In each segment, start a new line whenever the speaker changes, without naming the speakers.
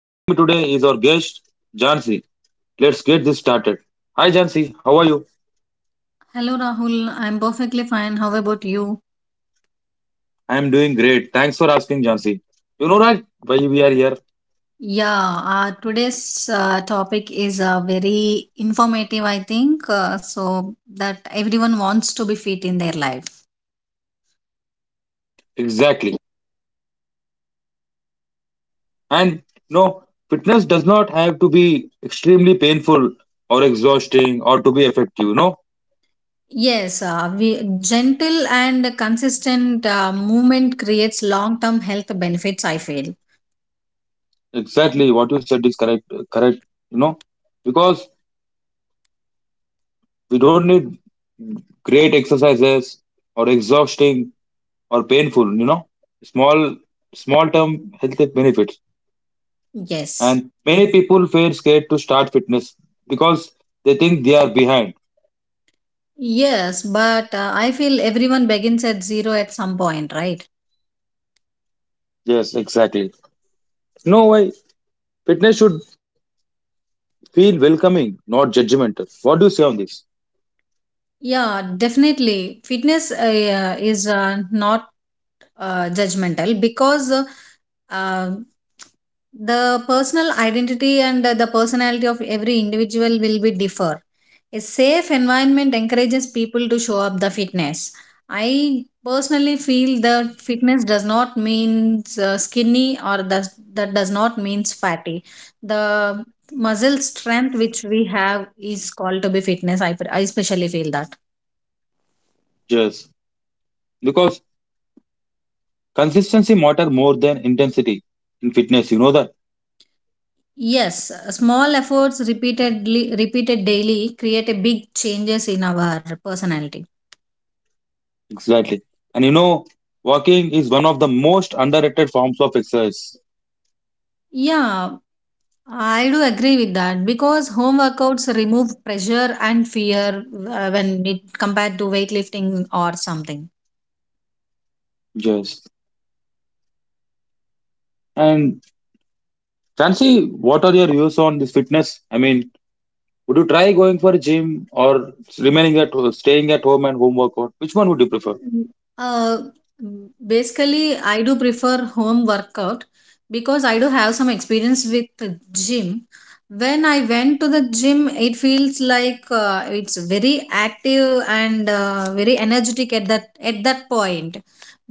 Joining me today is our guest, Jansi. Let's get this started. Hi, Jansi. How are you?
Hello Rahul, I'm perfectly fine. How about you?
I am doing great. Thanks for asking, Jansi. You know, right? Why we are here?
Yeah, today's topic is very informative, I think, so that everyone wants to be fit in their life.
Exactly. And no, fitness does not have to be extremely painful or exhausting or to be effective. No.
Yes, gentle and consistent movement creates long term health benefits, I feel.
Exactly what you said is correct. Correct, you know, because we don't need great exercises or exhausting or painful. You know, small small term health benefits.
Yes.
And many people feel scared to start fitness because they think they are behind.
Yes, but I feel everyone begins at zero at some point, right?
Yes, exactly. No, why fitness should feel welcoming, not judgmental. What do you say on this?
Yeah, definitely. Fitness is not judgmental because uh, the personal identity and the personality of every individual will be differ. A safe environment encourages people to show up the fitness. I personally feel that fitness does not means skinny or does not means fatty. The muscle strength which we have is called to be fitness. I especially feel that.
Yes, because consistency matter more than intensity in fitness. You know that.
Yes, small efforts repeated daily create a big changes in our personality.
Exactly. And you know, walking is one of the most underrated forms of exercise.
Yeah, I do agree with that because home workouts remove pressure and fear when it compared to weightlifting or something.
Yes. And Chancy, what are your views on this fitness? I mean, would you try going for a gym or remaining at staying at home and home workout? Which one would you prefer?
Mm, Uh, mm, Basically, I do prefer home workout because I do have some experience with the gym. When I went to the gym, it feels like it's very active and very energetic at that point.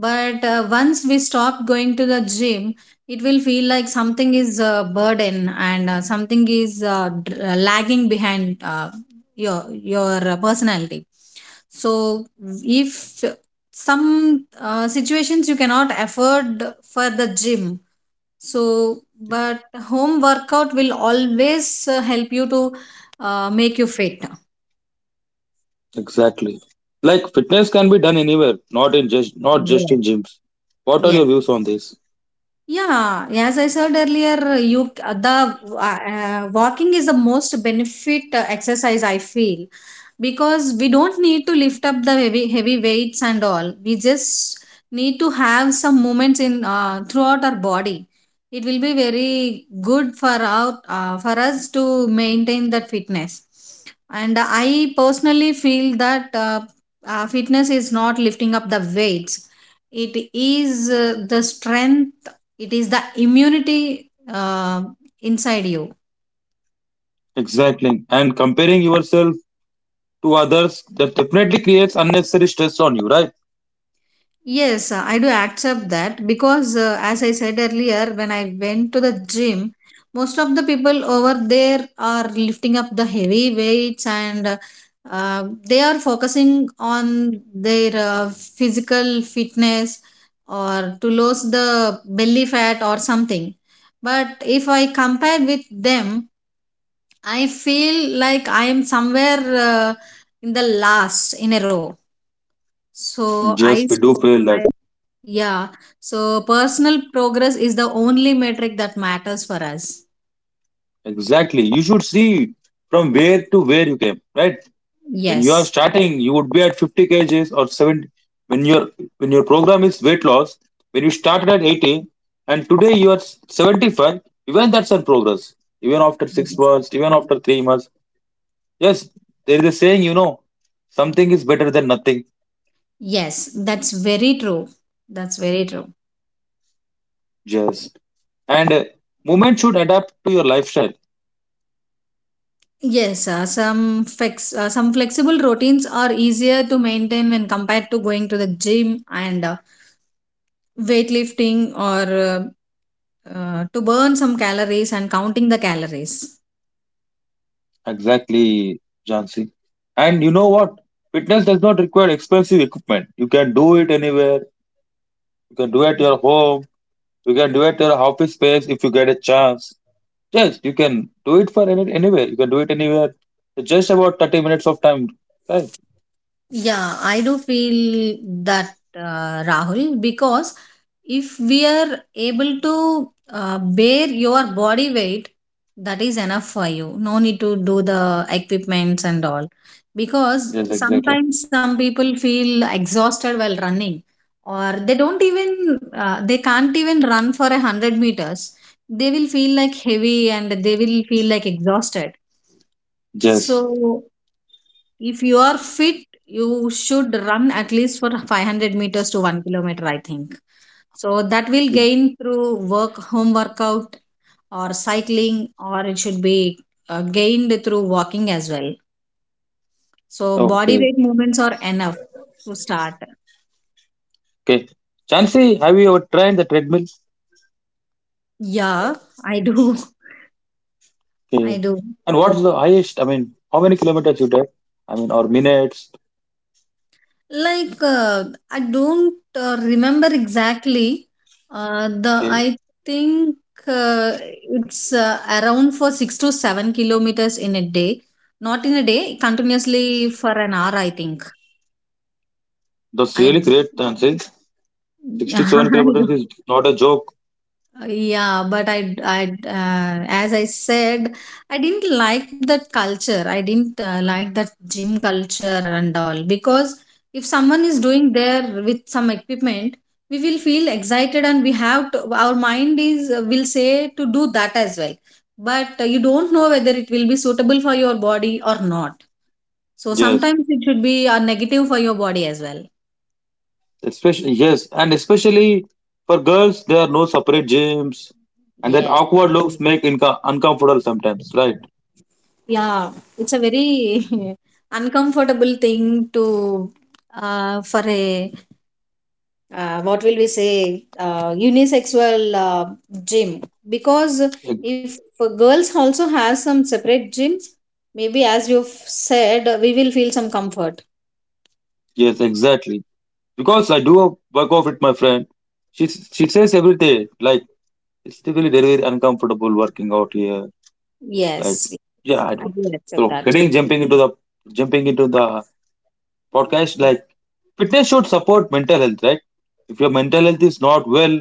But once we stop going to the gym, it will feel like something is a burden and something is lagging behind your your personality. So if some situations you cannot afford for the gym, so but home workout will always help you to make you fit.
Exactly. Like fitness can be done anywhere, not just
Yes.
in gyms. What are
Yes.
your views on this?
Yeah, as I said earlier, you the walking is the most benefit exercise I feel because we don't need to lift up the heavy weights and all. We just need to have some movements in throughout our body. It will be very good for out for us to maintain that fitness. And I personally feel that fitness is not lifting up the weights. It is the strength, it is the immunity uh, inside you.
Exactly. And comparing yourself to others that definitely creates unnecessary stress on you, right?
Yes, I do accept that because as I said earlier, when I went to the gym, most of the people over there are lifting up the heavy weights and uh, they are focusing on their physical fitness or to lose the belly fat or something. But if I compared with them, I feel like I am somewhere in the last in a row. So
Yes, we do feel
I,
that.
yeah. So personal progress is the only metric that matters for us.
Exactly. You should see from where to where you came, right? When you are
Yes.
starting, you would be at 50 kgs or 70. When your when your program is weight loss, when you started at 80 and today you are 75, even that's a progress. Even after six
Yes.
months, even after 3 months. Yes, there is a saying, something is better than nothing.
Yes, that's very true. That's very true.
Yes, and movement should adapt to your lifestyle.
Yes, some flexible routines are easier to maintain when compared to going to the gym and weightlifting or to burn some calories and counting the calories.
Exactly, Jansi. And you know what? Fitness does not require expensive equipment. You can do it anywhere. You can do it at your home. You can do it at your office space if you get a chance. Yes, you can do it for anywhere. You can do it anywhere. So, just about 30 minutes of time. Right?
Yeah, I do feel that Rahul, because if we are able to bear your body weight, that is enough for you. No need to do the equipments and all. Because
Yes, exactly.
sometimes some people feel exhausted while running, or they don't even, they can't even run for 100 meters. They will feel like heavy and they will feel like exhausted.
Yes.
So, if you are fit, you should run at least for 500 meters to 1 kilometer, I think. So, that will gain through work, home workout, or cycling, or it should be gained through walking as well. So, body
Okay.
weight movements are enough to start.
Okay. Jansi, have you ever tried the treadmill?
Yeah, I do. I
Okay.
do.
And what's the highest? I mean, how many kilometers you did? I mean, or minutes?
Like, I don't remember exactly. The
Okay.
I think uh, it's around for 6 to 7 kilometers in a day. Not in a day, continuously for an hour, I think.
That's
I,
really great, Jansi.
I
67
don't.
kilometers is not a joke.
Yeah, but as I said, I didn't like that culture. I didn't like that gym culture and all because if someone is doing there with some equipment, we will feel excited and we have to, our mind is will say to do that as well. But you don't know whether it will be suitable for your body or not. So
Yes.
sometimes it should be a negative for your body as well.
Especially, yes. And especially for girls, there are no separate gyms. And that
Yes.
awkward looks make uncomfortable sometimes, right?
Yeah, it's a very uncomfortable thing to for a what will we say unisexual gym, because
Ex-
if girls also has some separate gyms, maybe as you've said, we will feel some comfort.
Yes, exactly. Because I do a work out with my friend. She says every day, like, it's really very, very uncomfortable working out here. Like,
Yes,
yeah, I
I
don't.
will
So
accept that.
getting jumping into the jumping into the podcast, like fitness should support mental health, right? If your mental health is not well,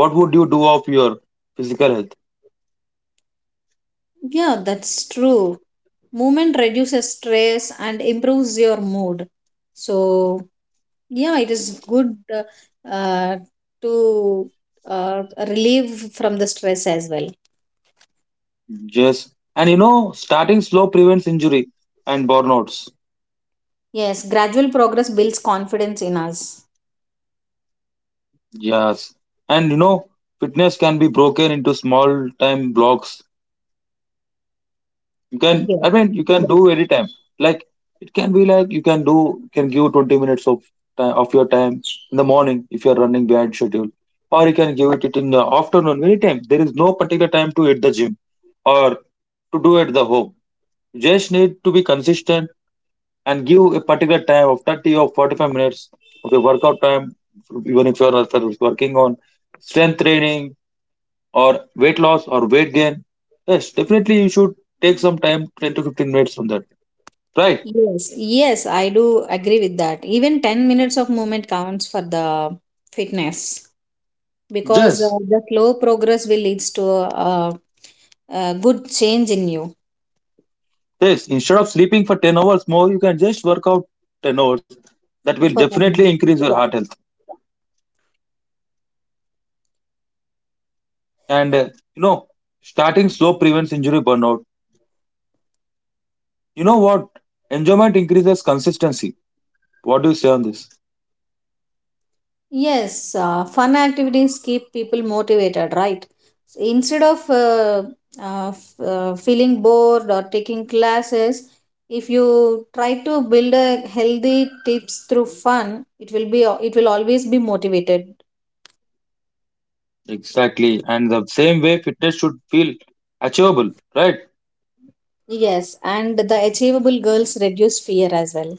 what would you do of your physical health?
Yeah, that's true. Movement reduces stress and improves your mood. So yeah, it is good uh, to uh, relieve from the stress as well.
Yes. And you know, starting slow prevents injury and burnouts.
Yes, gradual progress builds confidence in us.
Yes. And you know, fitness can be broken into small time blocks. You can, I
Yes.
mean, you can do anytime. Like, it can be like can give 20 minutes of time, of your time in the morning if you're running behind schedule. Or you can give it in the afternoon, anytime. There is no particular time to hit the gym or to do at the home. You just need to be consistent and give a particular time of 30 or 45 minutes of the workout time even if you're working on strength training or weight loss or weight gain. Yes, definitely you should take some time, 10 to 15 minutes on that, right?
Yes, yes, I do agree with that. Even 10 minutes of movement counts for the fitness, because
yes
the slow progress will leads to a good change in you
yes instead of sleeping for 10 hours more, you can just work out 10 hours. That will
for 10
definitely
minutes.
increase your
Yeah.
heart health. And you know, starting slow prevents injury burnout. You know what, enjoyment increases consistency. What do you say on this?
Yes, fun activities keep people motivated, right? So instead of feeling bored or taking classes, if you try to build a healthy tips through fun, it will always be motivated.
Exactly. And the same way fitness should feel achievable, right?
Yes, and the achievable girls reduce fear as well.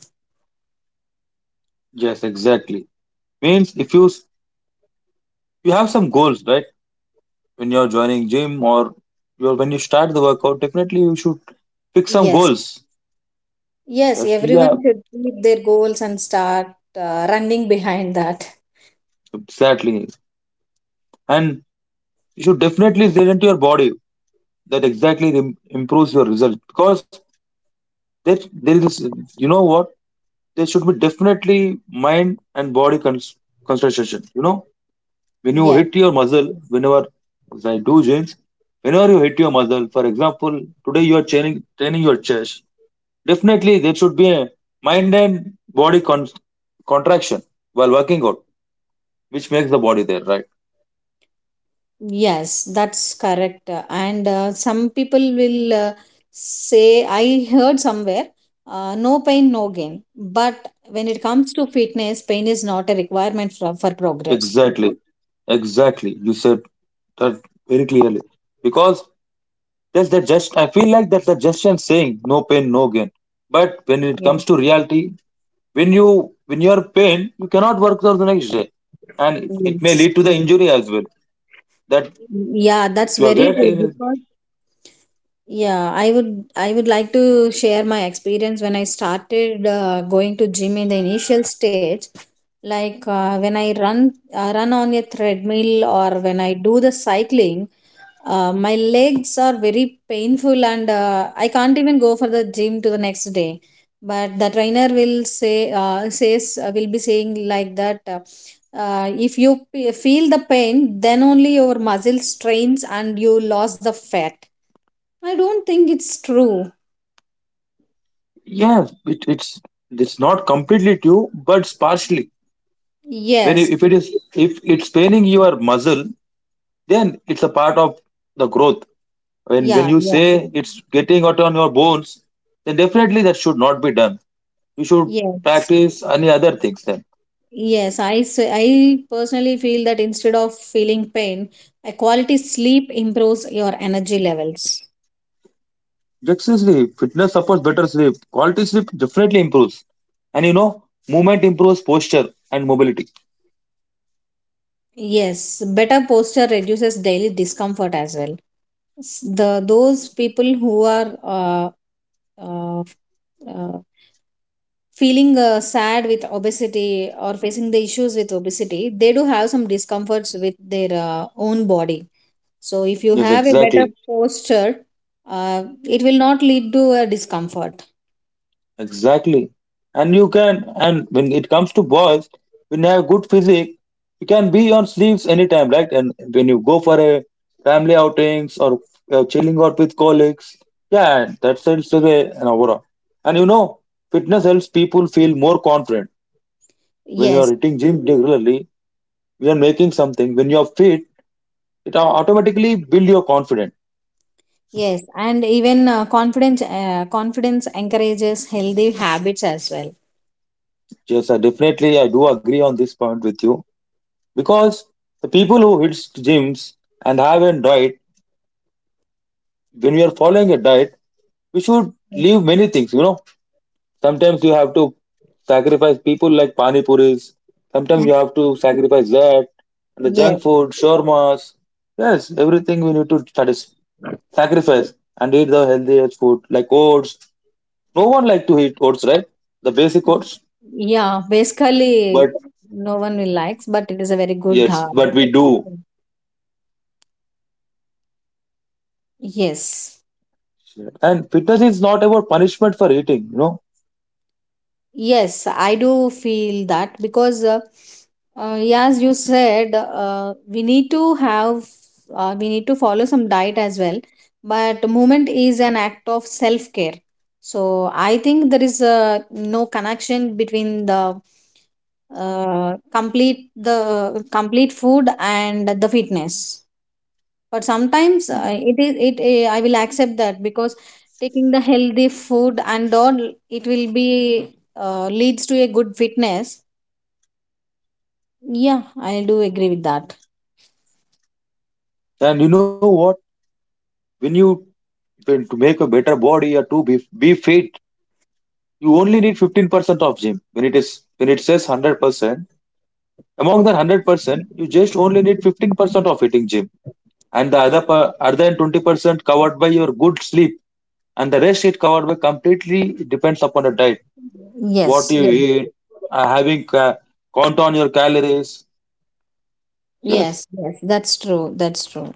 Yes, exactly. Means if you have some goals, right? When you're joining gym or you're when you start the workout, definitely you should pick some
Yes,
goals.
yes,
That's,
everyone
yeah,
should keep their goals and start running behind that.
exactly. And you should definitely listen to your body. That exactly improves your result, because there is, you know what, there should be definitely mind and body concentration. You know, when you
Yes.
hit your muzzle, whenever, as I do, James, whenever you hit your muzzle, for example, today you are training your chest, definitely there should be a mind and body contraction while working out, which makes the body there, right?
Yes, that's correct. And some people will say, I heard somewhere, no pain, no gain. But when it comes to fitness, pain is not a requirement for progress.
Exactly, exactly, you said that very clearly, because that's the just, I feel like that's the just saying, no pain no gain, but when it
Yes.
comes to reality, when you when you're pain you cannot work out the next day, and it may
Yes.
lead to the injury as well, that
Yeah,
if
that's
you are
very true
getting,
because, yeah, I would, I would like to share my experience when I started going to gym in the initial stage. Like when I run run on a treadmill or when I do the cycling, my legs are very painful and I can't even go for the gym to the next day. But the trainer will say says will be saying like that. If you feel the pain, then only your muscle strains and you lost the fat. I don't think it's true.
yeah. it, it's it's not completely true, but it's partially. when i-
Yes.
if it is if it's paining your muscle, then it's a part of the growth. When
Yeah,
you
yeah.
say it's getting out on your bones, then definitely that should not be done, you should
Yes.
practice any other things then.
Yes, I say I personally feel that instead of feeling pain, a quality sleep improves your energy levels.
Just sleep, fitness supports better sleep, quality sleep definitely improves. And you know, movement improves posture and mobility.
Yes, better posture reduces daily discomfort as well. S- The Those people who are uh, uh, feeling sad with obesity or facing the issues with obesity, they do have some discomforts with their own body. So if you
Yes,
have a better
exactly.
posture, it will not lead to a discomfort.
Exactly. And you can, and when it comes to boys, when you have good physique, you can be on sleeves anytime, right? And when you go for a family outings or chilling out with colleagues, yeah, that sends away an aura. And you know, fitness helps people feel more confident. When you are
Yes,
hitting gym regularly, you are making something. When you are fit, it automatically build your confidence.
yes, and even confidence encourages healthy habits as well.
Yes, I definitely I do agree on this point with you, because the people who hits gyms and have a diet, when we are following a diet, we should
Yes.
leave many things, you know. Sometimes you have to sacrifice people like pani puris, sometimes you have to sacrifice that, and the
Yes.
junk food shawarmas. Yes, everything we need to sacrifice and eat the healthiest food like oats. No one like to eat oats, right? The basic oats.
Yeah,
But
basically no one will likes, but it is a very good
yes, but we do.
yes.
And fitness is not about punishment for eating.
Yes, I do feel that because, yeah, as you said, we need to follow some diet as well. But movement is an act of self care. So I think there is no connection between the complete food and the fitness. But sometimes it is it I will accept that, because taking the healthy food and all, it will be leads to a good fitness. Yeah, I do agree with that.
And you know what, when you when to make a better body or to be fit, you only need 15% of gym. When it is when it says 100%, among the 100% you just only need 15% of hitting gym, and the other per-, other than 20% covered by your good sleep, and the rest it covered by completely depends upon the diet, what
Yes,
you
yes.
eat, having count on your calories.
Yes,
Yes.
yes, that's true. That's true.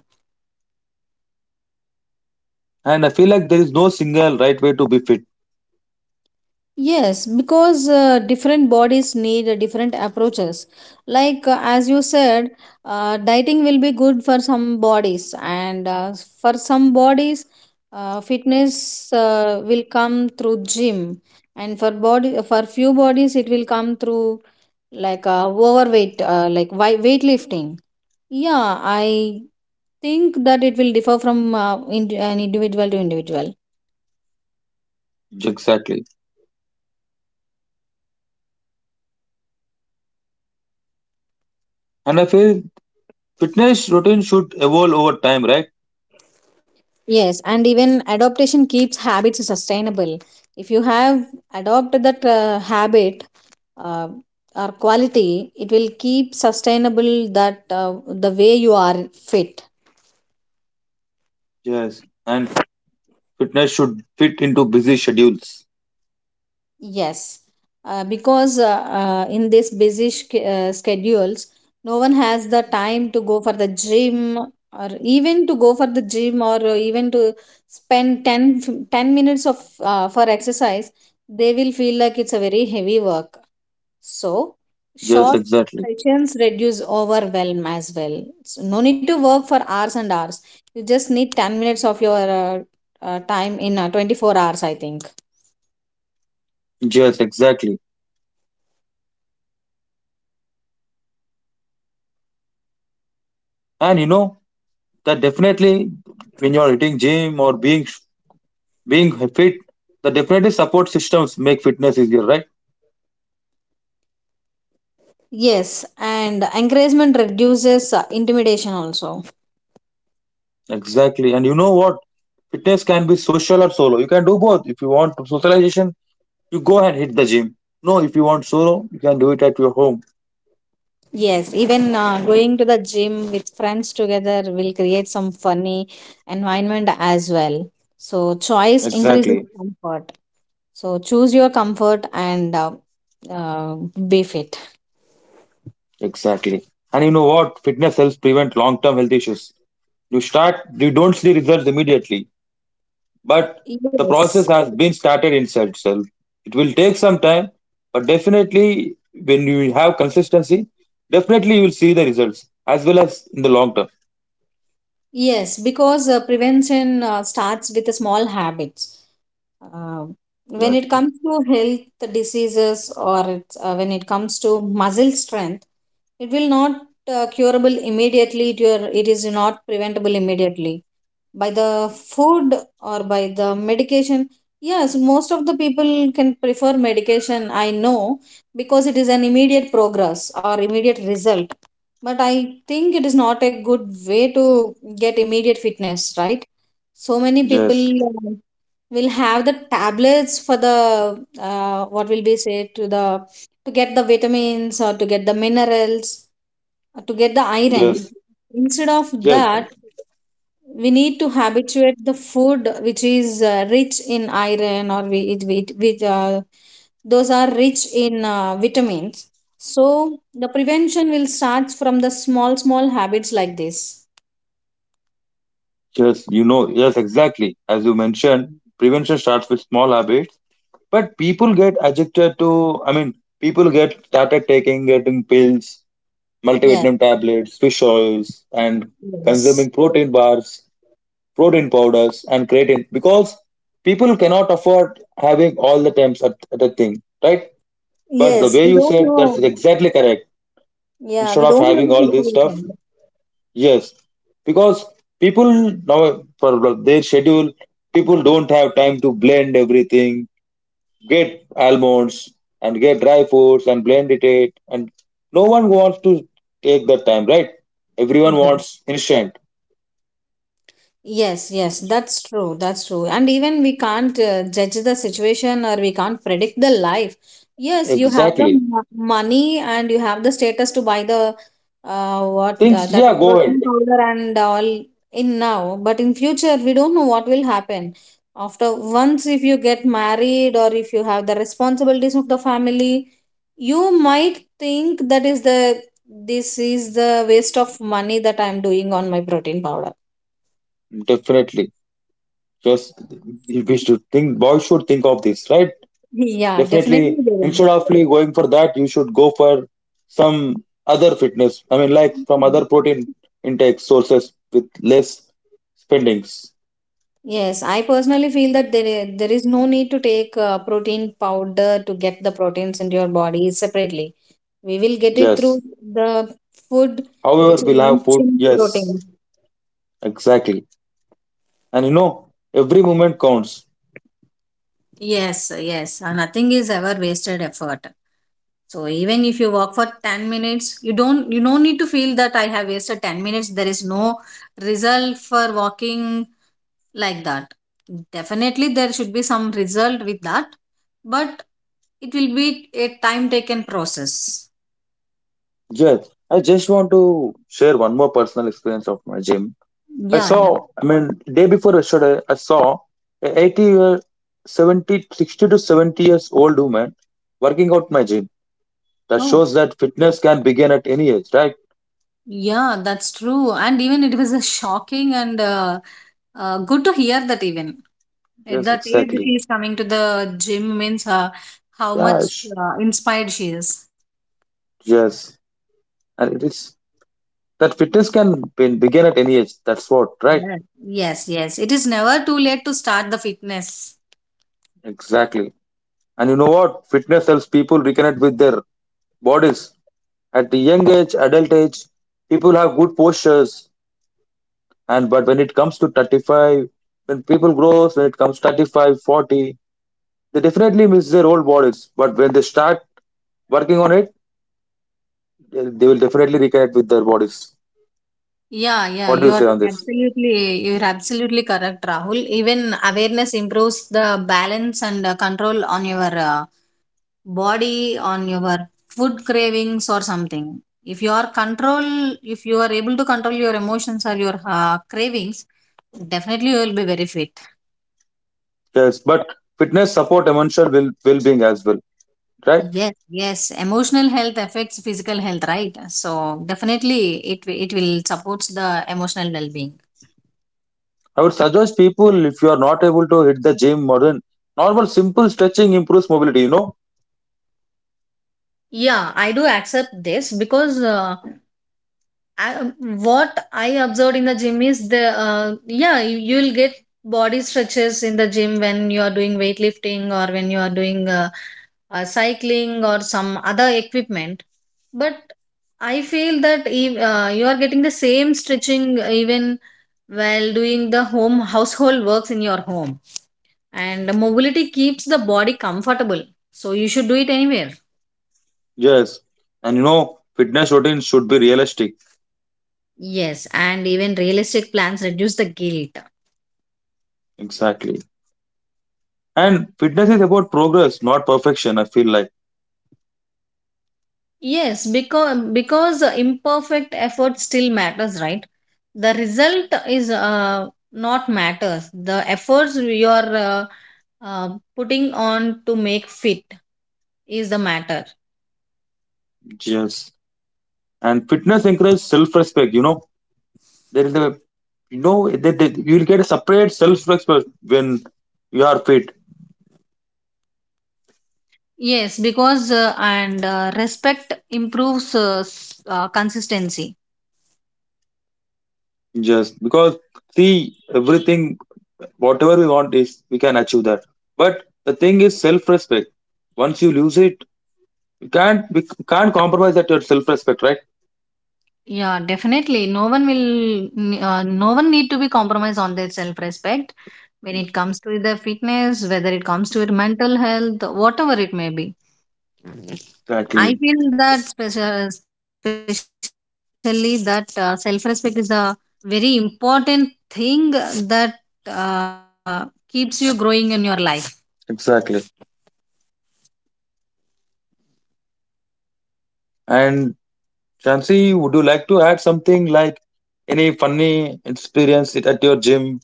And I feel like there is no single right way to be fit.
Yes, because different bodies need different approaches. Like as you said, dieting will be good for some bodies, and for some bodies, fitness will come through gym, and for few bodies it will come through like weightlifting. Yeah, I think that it will differ from an individual to individual.
Exactly. And I feel fitness routine should evolve over time, right?
Yes, and even adaptation keeps habits sustainable. If you have adopted that habit uh, or quality, it will keep sustainable that the way you are fit.
Yes, and fitness should fit into busy schedules.
Yes, because in this busy schedules, no one has the time to go for the gym or even to go for the gym or even to spend 10 minutes of for exercise. They will feel like it's a very heavy work. So,
Yes,
short
exactly.
sessions reduce overwhelm as well. So no need to work for hours and hours. You just need 10 minutes of your time in 24 hours, I think.
Yes, exactly. And you know that, definitely, when you're hitting gym or being fit, the definitely support systems make fitness easier, right?
Yes, and encouragement reduces intimidation also.
Exactly. And you know what? Fitness can be social or solo. You can do both. If you want socialization, you go and hit the gym. No, if you want solo, you can do it at your home.
Yes, even going to the gym with friends together will create some funny environment as well. So, choice increases
Exactly.
comfort. So, choose your comfort and uh, be fit.
Exactly. And you know what? Fitness helps prevent long-term health issues. You start, you don't see results immediately, but the process
Yes.
has been started inside itself. It will take some time, but definitely when you have consistency, definitely you will see the results as well as in the long term.
Yes, because prevention starts with the small habits. Uh, when
Right.
it comes to health diseases or it's, when it comes to muscle strength, it will not curable immediately. It is not preventable immediately by the food or by the medication. Yes, most of the people can prefer medication, I know, because it is an immediate progress or immediate result. But I think it is not a good way to get immediate fitness, right? So many people
Yes,
uh, will have the tablets for the what will be said to the to get the vitamins or to get the minerals, to get the iron
yes,
instead of
yes,
that. We need to habituate the food which is rich in iron, or we with those are rich in vitamins. So the prevention will start from the small small habits like this.
yes, you know, yes, exactly. As you mentioned, prevention starts with small habits, but people get addicted to. I mean, people get started taking getting pills,
Yes.
multivitamin tablets, fish oils, and
Yes,
consuming protein bars, protein powders, and creatine, because people cannot afford having all the times at a thing, right? But the
yes,
way
we
you
don't
said, that's
know.
exactly correct.
Yeah,
Instead
we
of
don't know
having
the
all this stuff,
situation.
yes, because people now for their schedule, people don't have time to blend everything, get almonds and get dry fruits and blend it, and no one wants to take that time, right? Everyone wants instant.
Yes, yes, that's true. That's true. And even we can't judge the situation, or we can't predict the life. Yes, you have the
Exactly,
money and you have the status to buy the what
things,
that
yeah, go ahead.
protein powder and all in now. But in future, we don't know what will happen. After once, if you get married or if you have the responsibilities of the family, you might think that is the this is the waste of money that I'm doing on my protein powder.
Definitely, just we should think, boys should think of this, right?
Yeah,
Definitely,
definitely they
instead of like going for that you should go for some other fitness, I mean, like from other
will.
protein intake sources with less spendings.
Yes, I personally feel that there is no need to take protein powder to get the proteins into your body separately. We will get it through
Yes,
the food
however
which is
we'll have
rich
food.
in
Yes,
protein.
exactly. And you know, every moment counts.
Yes, yes. Nothing is ever wasted effort. So even if you walk for 10 minutes, you don't need to feel that I have wasted 10 minutes. There is no result for walking like that. Definitely there should be some result with that, but it will be a time taken process.
Yes, I just want to share one more personal experience of my gym. I
Yeah, yeah.
saw, I mean, day before yesterday, I saw a 80 year, 70, 60 to 70 years old woman working out my gym. That
Oh,
shows that fitness can begin at any age, right?
yeah, that's true. And even it was a shocking and good to hear that even at
Yes,
that age she
exactly.
is coming to the gym means, how much
Yeah,
inspired she is.
yes. And it is that fitness can begin at any age. That's what, right?
Yes. Yes, yes, it is never too late to start the fitness.
Exactly. And you know what? Fitness helps people reconnect with their bodies. At the young age, adult age, people have good postures, and but when it comes to 35, when people grows, when it comes 35, 40, they definitely miss their old bodies. But when they start working on it, they will definitely reconnect with their bodies.
Yeah, yeah,
What do you
you're
say on this?
absolutely correct, Rahul. Even awareness improves the balance and control on your body, on your food cravings or something. If you are able to control your emotions or your cravings, definitely you will be very fit.
Yes, but fitness support emotional well being as well, right?
Yes, yes. Emotional health affects physical health, right? So definitely it will supports the emotional well-being.
I would suggest people if you are not able to hit the gym or then normal simple stretching improves mobility. You know,
Yeah, I do accept this because. I, what I observed in the gym is the yeah, you'll get body stretches in the gym when you are doing weightlifting or when you are doing cycling or some other equipment. But I feel that you are getting the same stretching even while doing the home household works in your home, and the mobility keeps the body comfortable. So you should do it anywhere.
yes, and you know fitness routine should be realistic.
Yes, and even realistic plans reduce the guilt.
Exactly. And fitness is about progress, not perfection, I feel like.
Yes, because imperfect effort still matters, right? The result is not matters. The efforts you are uh, putting on to make fit is the matter.
Yes. And fitness encourages self respect, you know. There is a, you know, that that you will get a separate self respect when you are fit.
Yes, because and respect improves consistency.
Just because, see, everything whatever we want is we can achieve that. But the thing is self respect. Once you lose it, you can't we can't compromise that your self respect, right?
Yeah, definitely. No one will. No one need to be compromised on their self respect when it comes to their fitness, whether it comes to their mental health, whatever it may be. I
Exactly.
feel that especially that self respect is a very important thing that uh, keeps you growing in your life.
Exactly. And Shansi, would you like to add something, like any funny experience it at your gym?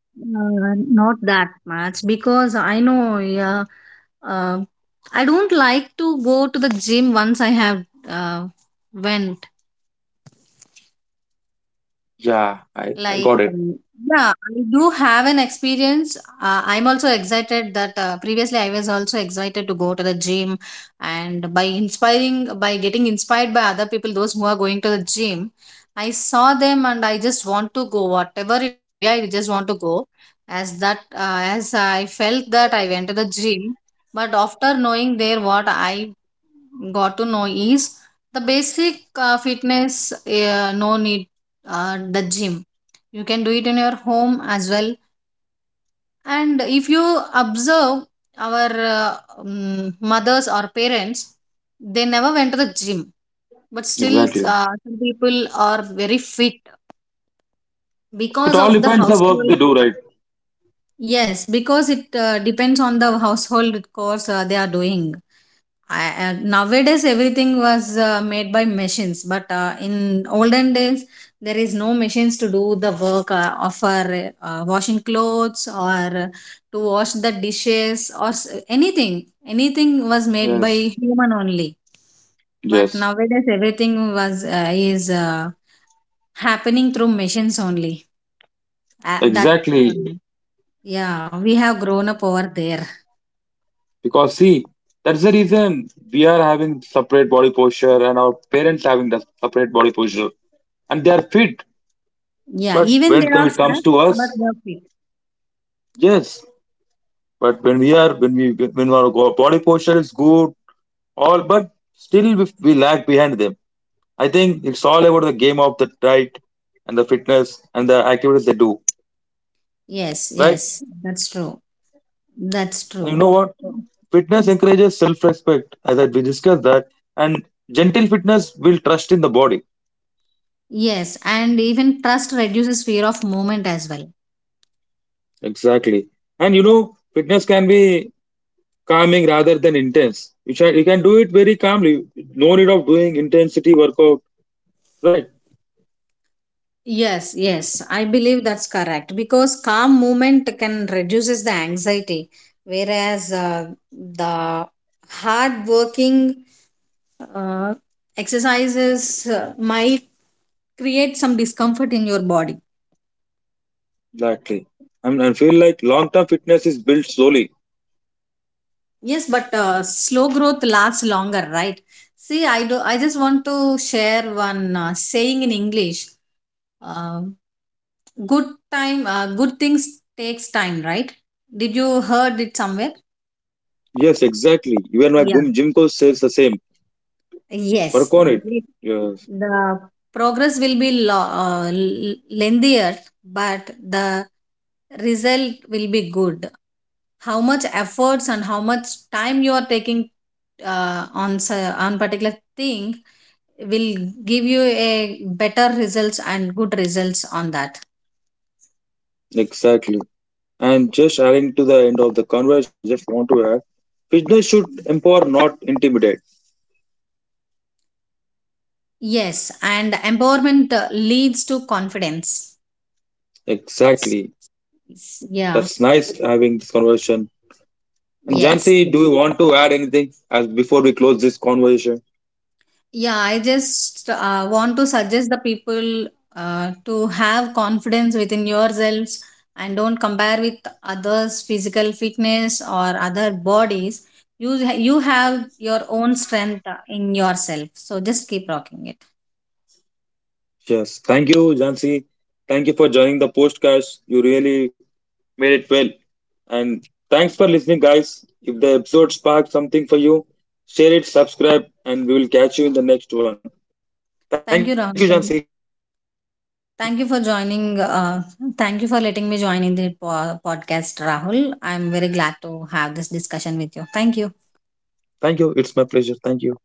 Not that much because I know, yeah, uh, I don't like to go to the gym once I have when
Yeah, I
Like,
got it.
yeah, I do have an experience. I'm also excited that previously I was also excited to go to the gym, and by inspiring, by getting inspired by other people, those who are going to the gym, I saw them and I just want to go, whatever it may be. I just want to go, as I felt that I went to the gym, but after knowing there what I got to know is the basic fitness. No need The gym, you can do it in your home as well. And if you observe our mothers or parents, they never went to the gym, but still
Exactly.
some people are very fit
It
because
all
of the
depends the work they
household.
do, right?
Yes, because it depends on the household chores they are doing. I, nowadays, everything was made by machines, but in olden days, there is no machines to do the work of our, washing clothes or to wash the dishes or anything. Anything was made by
Yes.
human only. But
Yes.
nowadays, everything was is happening through machines only. That
Exactly.
um, yeah, we have grown up over there.
Because see, that's the reason we are having separate body posture and our parents having the separate body posture. And they are fit.
Yeah,
But
even they
when
are
it
fat
comes to
but
us,
worth it.
yes. But when our body posture is good, all but still we lag behind them. I think it's all about the game of the diet and the fitness and the activities they do,
Yes,
right?
yes, that's true. That's
And you
true.
know what? Fitness encourages self-respect, as we discussed that, and gentle fitness will trust in the body.
Yes, and even trust reduces fear of movement as well.
Exactly. And you know, fitness can be calming rather than intense. Can you can do it very calmly. No need of doing intensity workout, right?
Yes, yes, I believe that's correct because calm movement can reduces the anxiety, whereas the hard working uh, exercises might create some discomfort in your body.
Exactly. And I feel like long-term fitness is built slowly.
Yes, but slow growth lasts longer, right? See, I do. I just want to share one saying in English. Um Good time, good things takes time, right? Did you heard it somewhere?
Yes, exactly. Even my
Yeah.
gym coach says the same.
Yes,
Work on it.
it-
Yes.
the progress will be lengthier, but the result will be good. How much efforts and how much time you are taking uh, on s- on particular thing will give you a better results and good results on that.
Exactly. And just adding to the end of the conversation, I just want to add business should empower, not intimidate.
Yes, and empowerment leads to confidence.
Exactly.
Yeah.
That's nice having this conversation. And
Yes.
Jansi,
Yeah,
do you want to add anything as before we close this conversation?
yeah, I just want to suggest the people to have confidence within yourselves and don't compare with others physical fitness or other bodies. You have your own strength in yourself, so just keep rocking it.
Yes. Thank you, Jansi. Thank you for joining the podcast. You really made it well. And thanks for listening, guys. If the episode sparked something for you, share it, subscribe, and we will catch you in the next one. Thank you, Jansi.
Thank you, Rahul. Thank you for joining. Thank you for letting me join in the podcast, Rahul. I'm very glad to have this discussion with you. Thank you.
Thank you. It's my pleasure. Thank you.